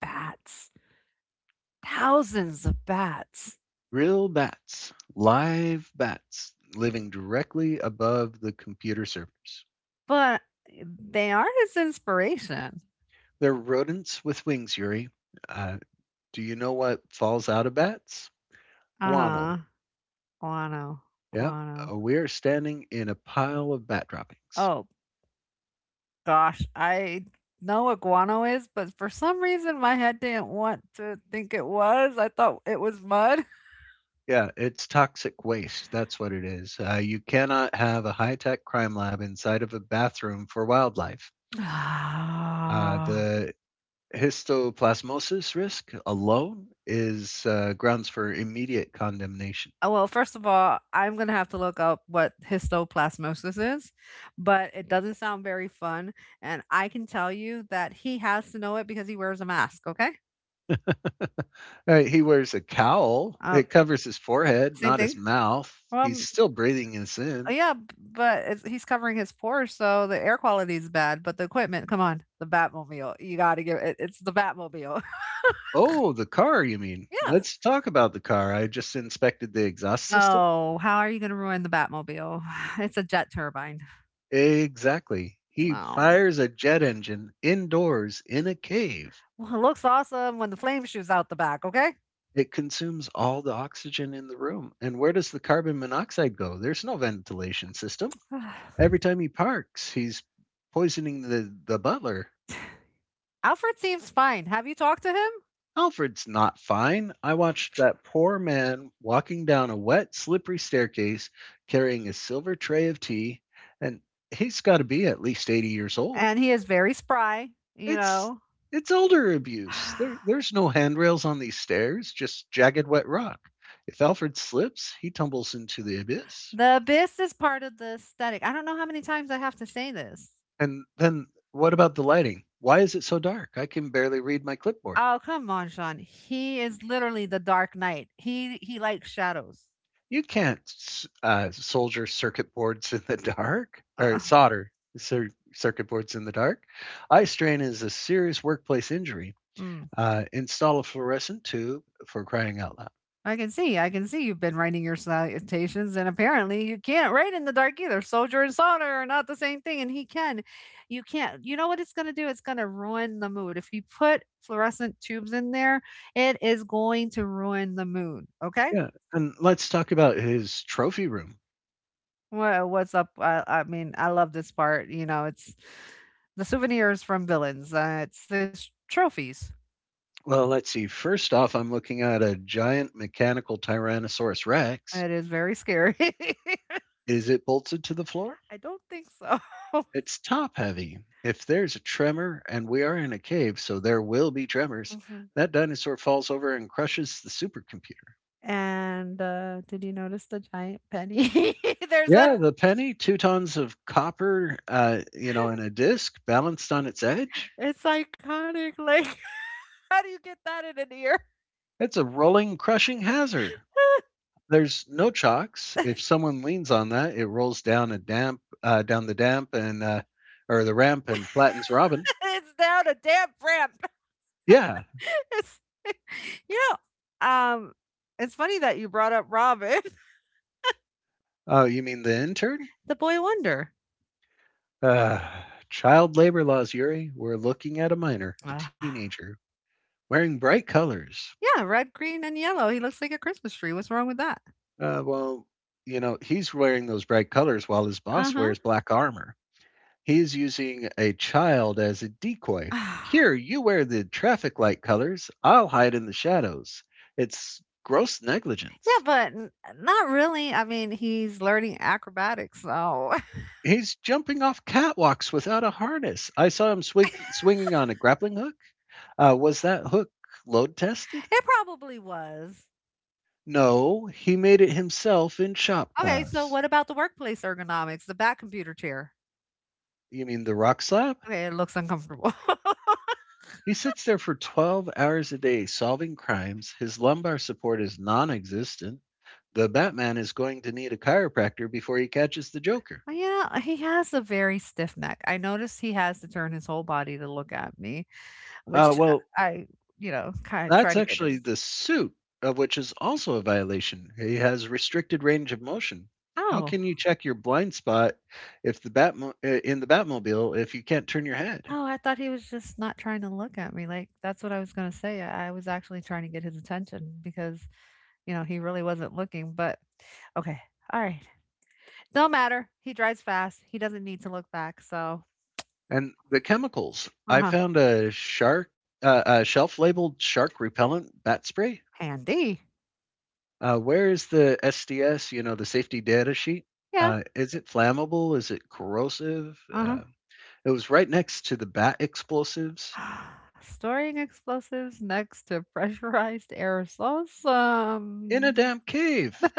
[SPEAKER 2] bats. Thousands of bats,
[SPEAKER 1] real bats, live bats living directly above the computer servers.
[SPEAKER 2] but they are his inspiration.
[SPEAKER 1] They're rodents with wings, Yuri. Uh, do you know what falls out of bats? Guano.
[SPEAKER 2] Uh-huh. Guano,
[SPEAKER 1] Yeah,
[SPEAKER 2] guano.
[SPEAKER 1] we are standing in a pile of bat droppings.
[SPEAKER 2] Oh gosh, I know what guano is, but for some reason my head didn't want to think it was. I thought it was mud.
[SPEAKER 1] Yeah, it's toxic waste, that's what it is. You cannot have a high-tech crime lab inside of a bathroom for wildlife. Uh,
[SPEAKER 2] Ah.
[SPEAKER 1] the histoplasmosis risk alone is, grounds for immediate condemnation.
[SPEAKER 2] Oh, well, first of all, I'm gonna have to look up what histoplasmosis is, but it doesn't sound very fun. And I can tell you that he has to know it because he wears a mask. Okay.
[SPEAKER 1] He wears a cowl,
[SPEAKER 2] Uh,
[SPEAKER 1] it covers his forehead,
[SPEAKER 2] Same
[SPEAKER 1] not his
[SPEAKER 2] thing.
[SPEAKER 1] mouth. He's
[SPEAKER 2] Well,
[SPEAKER 1] still breathing us
[SPEAKER 2] oh,
[SPEAKER 1] in.
[SPEAKER 2] yeah, b but it's he's covering his pores, so the air quality is bad, but the equipment, come on, the Batmobile, you gotta give it it's the Batmobile.
[SPEAKER 1] Oh, the car, you mean?
[SPEAKER 2] Yes.
[SPEAKER 1] Let's talk about the car. I just inspected the exhaust system.
[SPEAKER 2] No, how are you gonna ruin the Batmobile? It's a jet turbine.
[SPEAKER 1] Exactly. He
[SPEAKER 2] No.
[SPEAKER 1] fires a jet engine indoors in a cave.
[SPEAKER 2] Well, it looks awesome when the flame shoots out the back, okay?
[SPEAKER 1] It consumes all the oxygen in the room. And where does the carbon monoxide go? There's no ventilation system. Every time he parks, he's poisoning the butler.
[SPEAKER 2] Alfred seems fine. Have you talked to him?
[SPEAKER 1] Alfred's not fine. I watched that poor man walking down a wet, slippery staircase carrying a silver tray of tea, and he's got to be at least 80 years old.
[SPEAKER 2] And he is very spry, you
[SPEAKER 1] It's
[SPEAKER 2] know?
[SPEAKER 1] it's elder abuse. There there's no handrails on these stairs, just jagged wet rock. If Alfred slips, he tumbles into the abyss.
[SPEAKER 2] The abyss is part of the aesthetic. I don't know how many times I have to say this.
[SPEAKER 1] And then what about the lighting? Why is it so dark? I can barely read my clipboard.
[SPEAKER 2] Oh, come on, Sean. He is literally the Dark Knight. He likes shadows.
[SPEAKER 1] You can't s- soldier circuit boards in the dark or
[SPEAKER 2] Uh,
[SPEAKER 1] solder circuit boards in the dark. Eye strain is a serious workplace injury.
[SPEAKER 2] mm.
[SPEAKER 1] Install a fluorescent tube for crying out loud.
[SPEAKER 2] I can see. I can see you've been writing your salutations, and apparently you can't write in the dark either. Soldier and soldier are not the same thing, and he can. You can't. You know what it's going to do? It's going to ruin the mood. If you put fluorescent tubes in there, it is going to ruin the mood. Okay.
[SPEAKER 1] Yeah, and let's talk about his trophy room.
[SPEAKER 2] What's up? I mean, I love this part. You know, it's the souvenirs from villains. It's trophies.
[SPEAKER 1] Well, let's see. First off, I'm looking at a giant mechanical Tyrannosaurus Rex.
[SPEAKER 2] It is very scary.
[SPEAKER 1] Is it bolted to the floor?
[SPEAKER 2] I don't think so.
[SPEAKER 1] It's top heavy. If there's a tremor, and we are in a cave, so there will be tremors,
[SPEAKER 2] Mhm.
[SPEAKER 1] that dinosaur falls over and crushes the supercomputer.
[SPEAKER 2] And, did you notice the giant penny? There's a
[SPEAKER 1] Yeah, the penny, two tons of copper, you know, in a disc balanced on its edge.
[SPEAKER 2] It's iconic, like, how do you get that in an ear?
[SPEAKER 1] It's a rolling, crushing hazard. There's no chocks. If someone leans on that, it rolls down a damp, down the damp and or the ramp and flattens Robin.
[SPEAKER 2] It's down a damn ramp.
[SPEAKER 1] Yeah.
[SPEAKER 2] It's you know, it's funny that you brought up Robin,
[SPEAKER 1] Oh, you mean the intern?
[SPEAKER 2] the boy wonder.
[SPEAKER 1] Uh, Child labor laws, Yuri. We're looking at a minor, a
[SPEAKER 2] Ah.
[SPEAKER 1] teenager, wearing bright colors.
[SPEAKER 2] Yeah, red, green, and yellow. He looks like a Christmas tree. What's wrong with that?
[SPEAKER 1] Uh, well, you know, he's wearing those bright colors while his boss
[SPEAKER 2] Uh-huh.
[SPEAKER 1] wears black armor. He's using a child as a decoy. Here, you wear the traffic light colors. I'll hide in the shadows. It's gross
[SPEAKER 2] Yeah,
[SPEAKER 1] negligence.
[SPEAKER 2] but n not really. I mean, he's learning acrobatics, so
[SPEAKER 1] He's jumping off catwalks without a harness. I saw him swinging on a grappling hook. Was that hook load tested?
[SPEAKER 2] It probably was.
[SPEAKER 1] No, he made it himself in shop
[SPEAKER 2] Okay, so
[SPEAKER 1] class.
[SPEAKER 2] what about the workplace ergonomics, the back computer chair?
[SPEAKER 1] You mean the rock slab?
[SPEAKER 2] Okay, it looks uncomfortable.
[SPEAKER 1] He sits there for 12 hours a day solving crimes. His lumbar support is non existent. The Batman is going to need a chiropractor before he catches the Joker.
[SPEAKER 2] Well, you know, he has a very stiff neck. I noticed he has to turn his whole body to look at me,
[SPEAKER 1] Uh,
[SPEAKER 2] which
[SPEAKER 1] well,
[SPEAKER 2] I, kind of try
[SPEAKER 1] that's
[SPEAKER 2] to get
[SPEAKER 1] actually
[SPEAKER 2] his.
[SPEAKER 1] the suit, of which is also a violation. He has restricted range of motion. How
[SPEAKER 2] Oh,
[SPEAKER 1] can you check your blind spot if the in the Batmobile if you can't turn your head?
[SPEAKER 2] oh, I thought he was just not trying to look at me. Like, that's what I was going to say. I was actually trying to get his attention because, he really wasn't looking. But okay, all right. No matter. He drives fast. He doesn't need to look back. So,
[SPEAKER 1] And the chemicals.
[SPEAKER 2] uh
[SPEAKER 1] I
[SPEAKER 2] huh.
[SPEAKER 1] found a a shelf labeled shark repellent bat spray.
[SPEAKER 2] Handy.
[SPEAKER 1] Where is the SDS, you know, the safety data sheet?
[SPEAKER 2] Yeah,
[SPEAKER 1] Is it flammable? Is it corrosive? It was right next to the bat explosives
[SPEAKER 2] uh-huh. Storing explosives next to pressurized aerosols?
[SPEAKER 1] in a damp cave.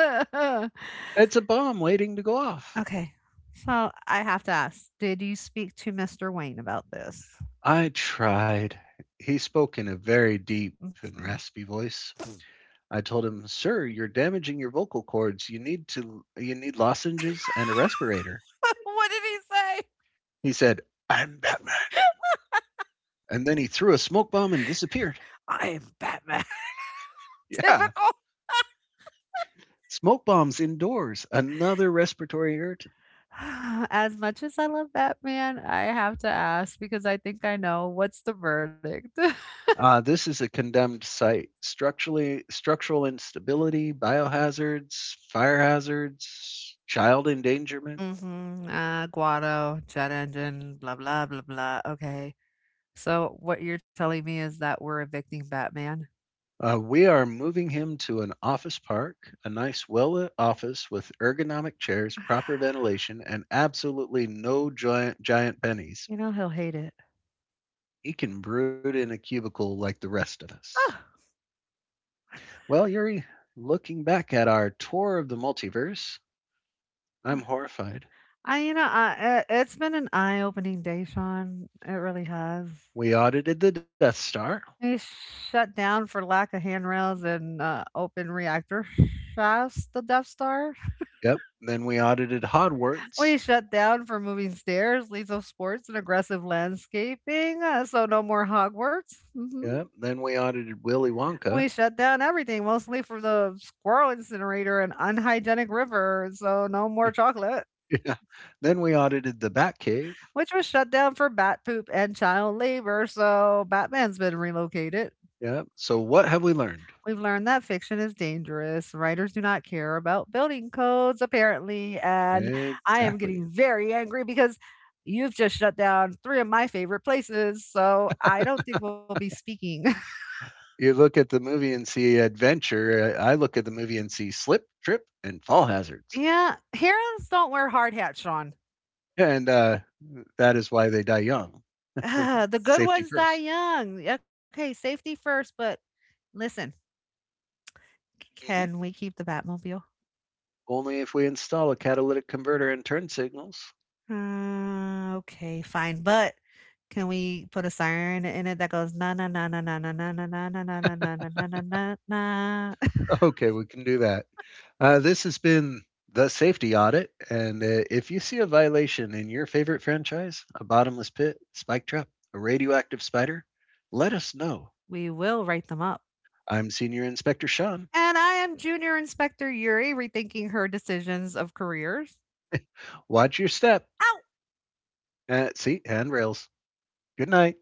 [SPEAKER 1] It's a bomb waiting to go off.
[SPEAKER 2] Okay. So I have to ask, did you speak to Mr. Wayne about this?
[SPEAKER 1] I tried. He spoke in a very deep and
[SPEAKER 2] Mhm.
[SPEAKER 1] raspy voice. I told him, "Sir, you're damaging your vocal cords. You need lozenges and a respirator."
[SPEAKER 2] What did he say?
[SPEAKER 1] He said, "I'm Batman." And then he threw a smoke bomb and disappeared.
[SPEAKER 2] I am Batman.
[SPEAKER 1] Yeah,
[SPEAKER 2] Typical.
[SPEAKER 1] smoke bombs indoors, another respiratory irritant.
[SPEAKER 2] As much as I love Batman, I have to ask because I think I know what's the verdict.
[SPEAKER 1] This is a condemned site. Structural instability, biohazards, fire hazards, child endangerment.
[SPEAKER 2] Mhm, Guado, jet engine, blah, blah, blah, blah, okay. So, what you're telling me is that we're evicting Batman?
[SPEAKER 1] We are moving him to an office park, a nice, well lit office with ergonomic chairs, proper ventilation, and absolutely no giant pennies.
[SPEAKER 2] You know he'll hate it.
[SPEAKER 1] He can brood in a cubicle like the rest of us.
[SPEAKER 2] Oh,
[SPEAKER 1] Well, Yuri, looking back at our tour of the multiverse, I'm horrified.
[SPEAKER 2] I you know, I it's been an eye-opening day, Sean, it really has.
[SPEAKER 1] We audited the Death Star.
[SPEAKER 2] He's shut down for lack of handrails and, open reactor shafts, the Death Star.
[SPEAKER 1] Yep. Then we audited
[SPEAKER 2] We
[SPEAKER 1] Hogwarts.
[SPEAKER 2] shut down for moving stairs, lethal sports, and aggressive landscaping, so no more Hogwarts, mhm.
[SPEAKER 1] Yep. Then we audited Willy
[SPEAKER 2] We
[SPEAKER 1] Wonka.
[SPEAKER 2] shut down everything, mostly for the squirrel incinerator and unhygienic river, so no more chocolate,
[SPEAKER 1] Yeah. Then we audited the Batcave.
[SPEAKER 2] which was shut down for bat poop and child labor, so Batman's been relocated.
[SPEAKER 1] Yep. So what have we learned?
[SPEAKER 2] We've learned that fiction is dangerous. Writers do not care about building codes, apparently, and I am getting
[SPEAKER 1] Exactly.
[SPEAKER 2] very angry because you've just shut down three of my favorite places, so I don't think we'll be speaking.
[SPEAKER 1] You look at the movie and see adventure. I look at the movie and see slip, trip, and fall hazards.
[SPEAKER 2] Yeah, herons don't wear hard hats, Sean.
[SPEAKER 1] And That is why they die young.
[SPEAKER 2] Ah, the good
[SPEAKER 1] Safety
[SPEAKER 2] ones die
[SPEAKER 1] first.
[SPEAKER 2] young. Okay, safety first, but listen, can we keep the Batmobile?
[SPEAKER 1] Only if we install a catalytic converter and turn signals.
[SPEAKER 2] Okay, fine, but can we put a siren in it that goes na na na na na na na na na na na na na na na na na na?
[SPEAKER 1] Okay, we can do that. This has been the safety audit, and if you see a violation in your favorite franchise, a bottomless pit, spike trap, a radioactive spider, let us know.
[SPEAKER 2] We will write them up.
[SPEAKER 1] I'm Senior Inspector Sean.
[SPEAKER 2] And I am Junior Inspector Yuri, rethinking her decisions of careers.
[SPEAKER 1] Watch your step. At seat handrails. Good night.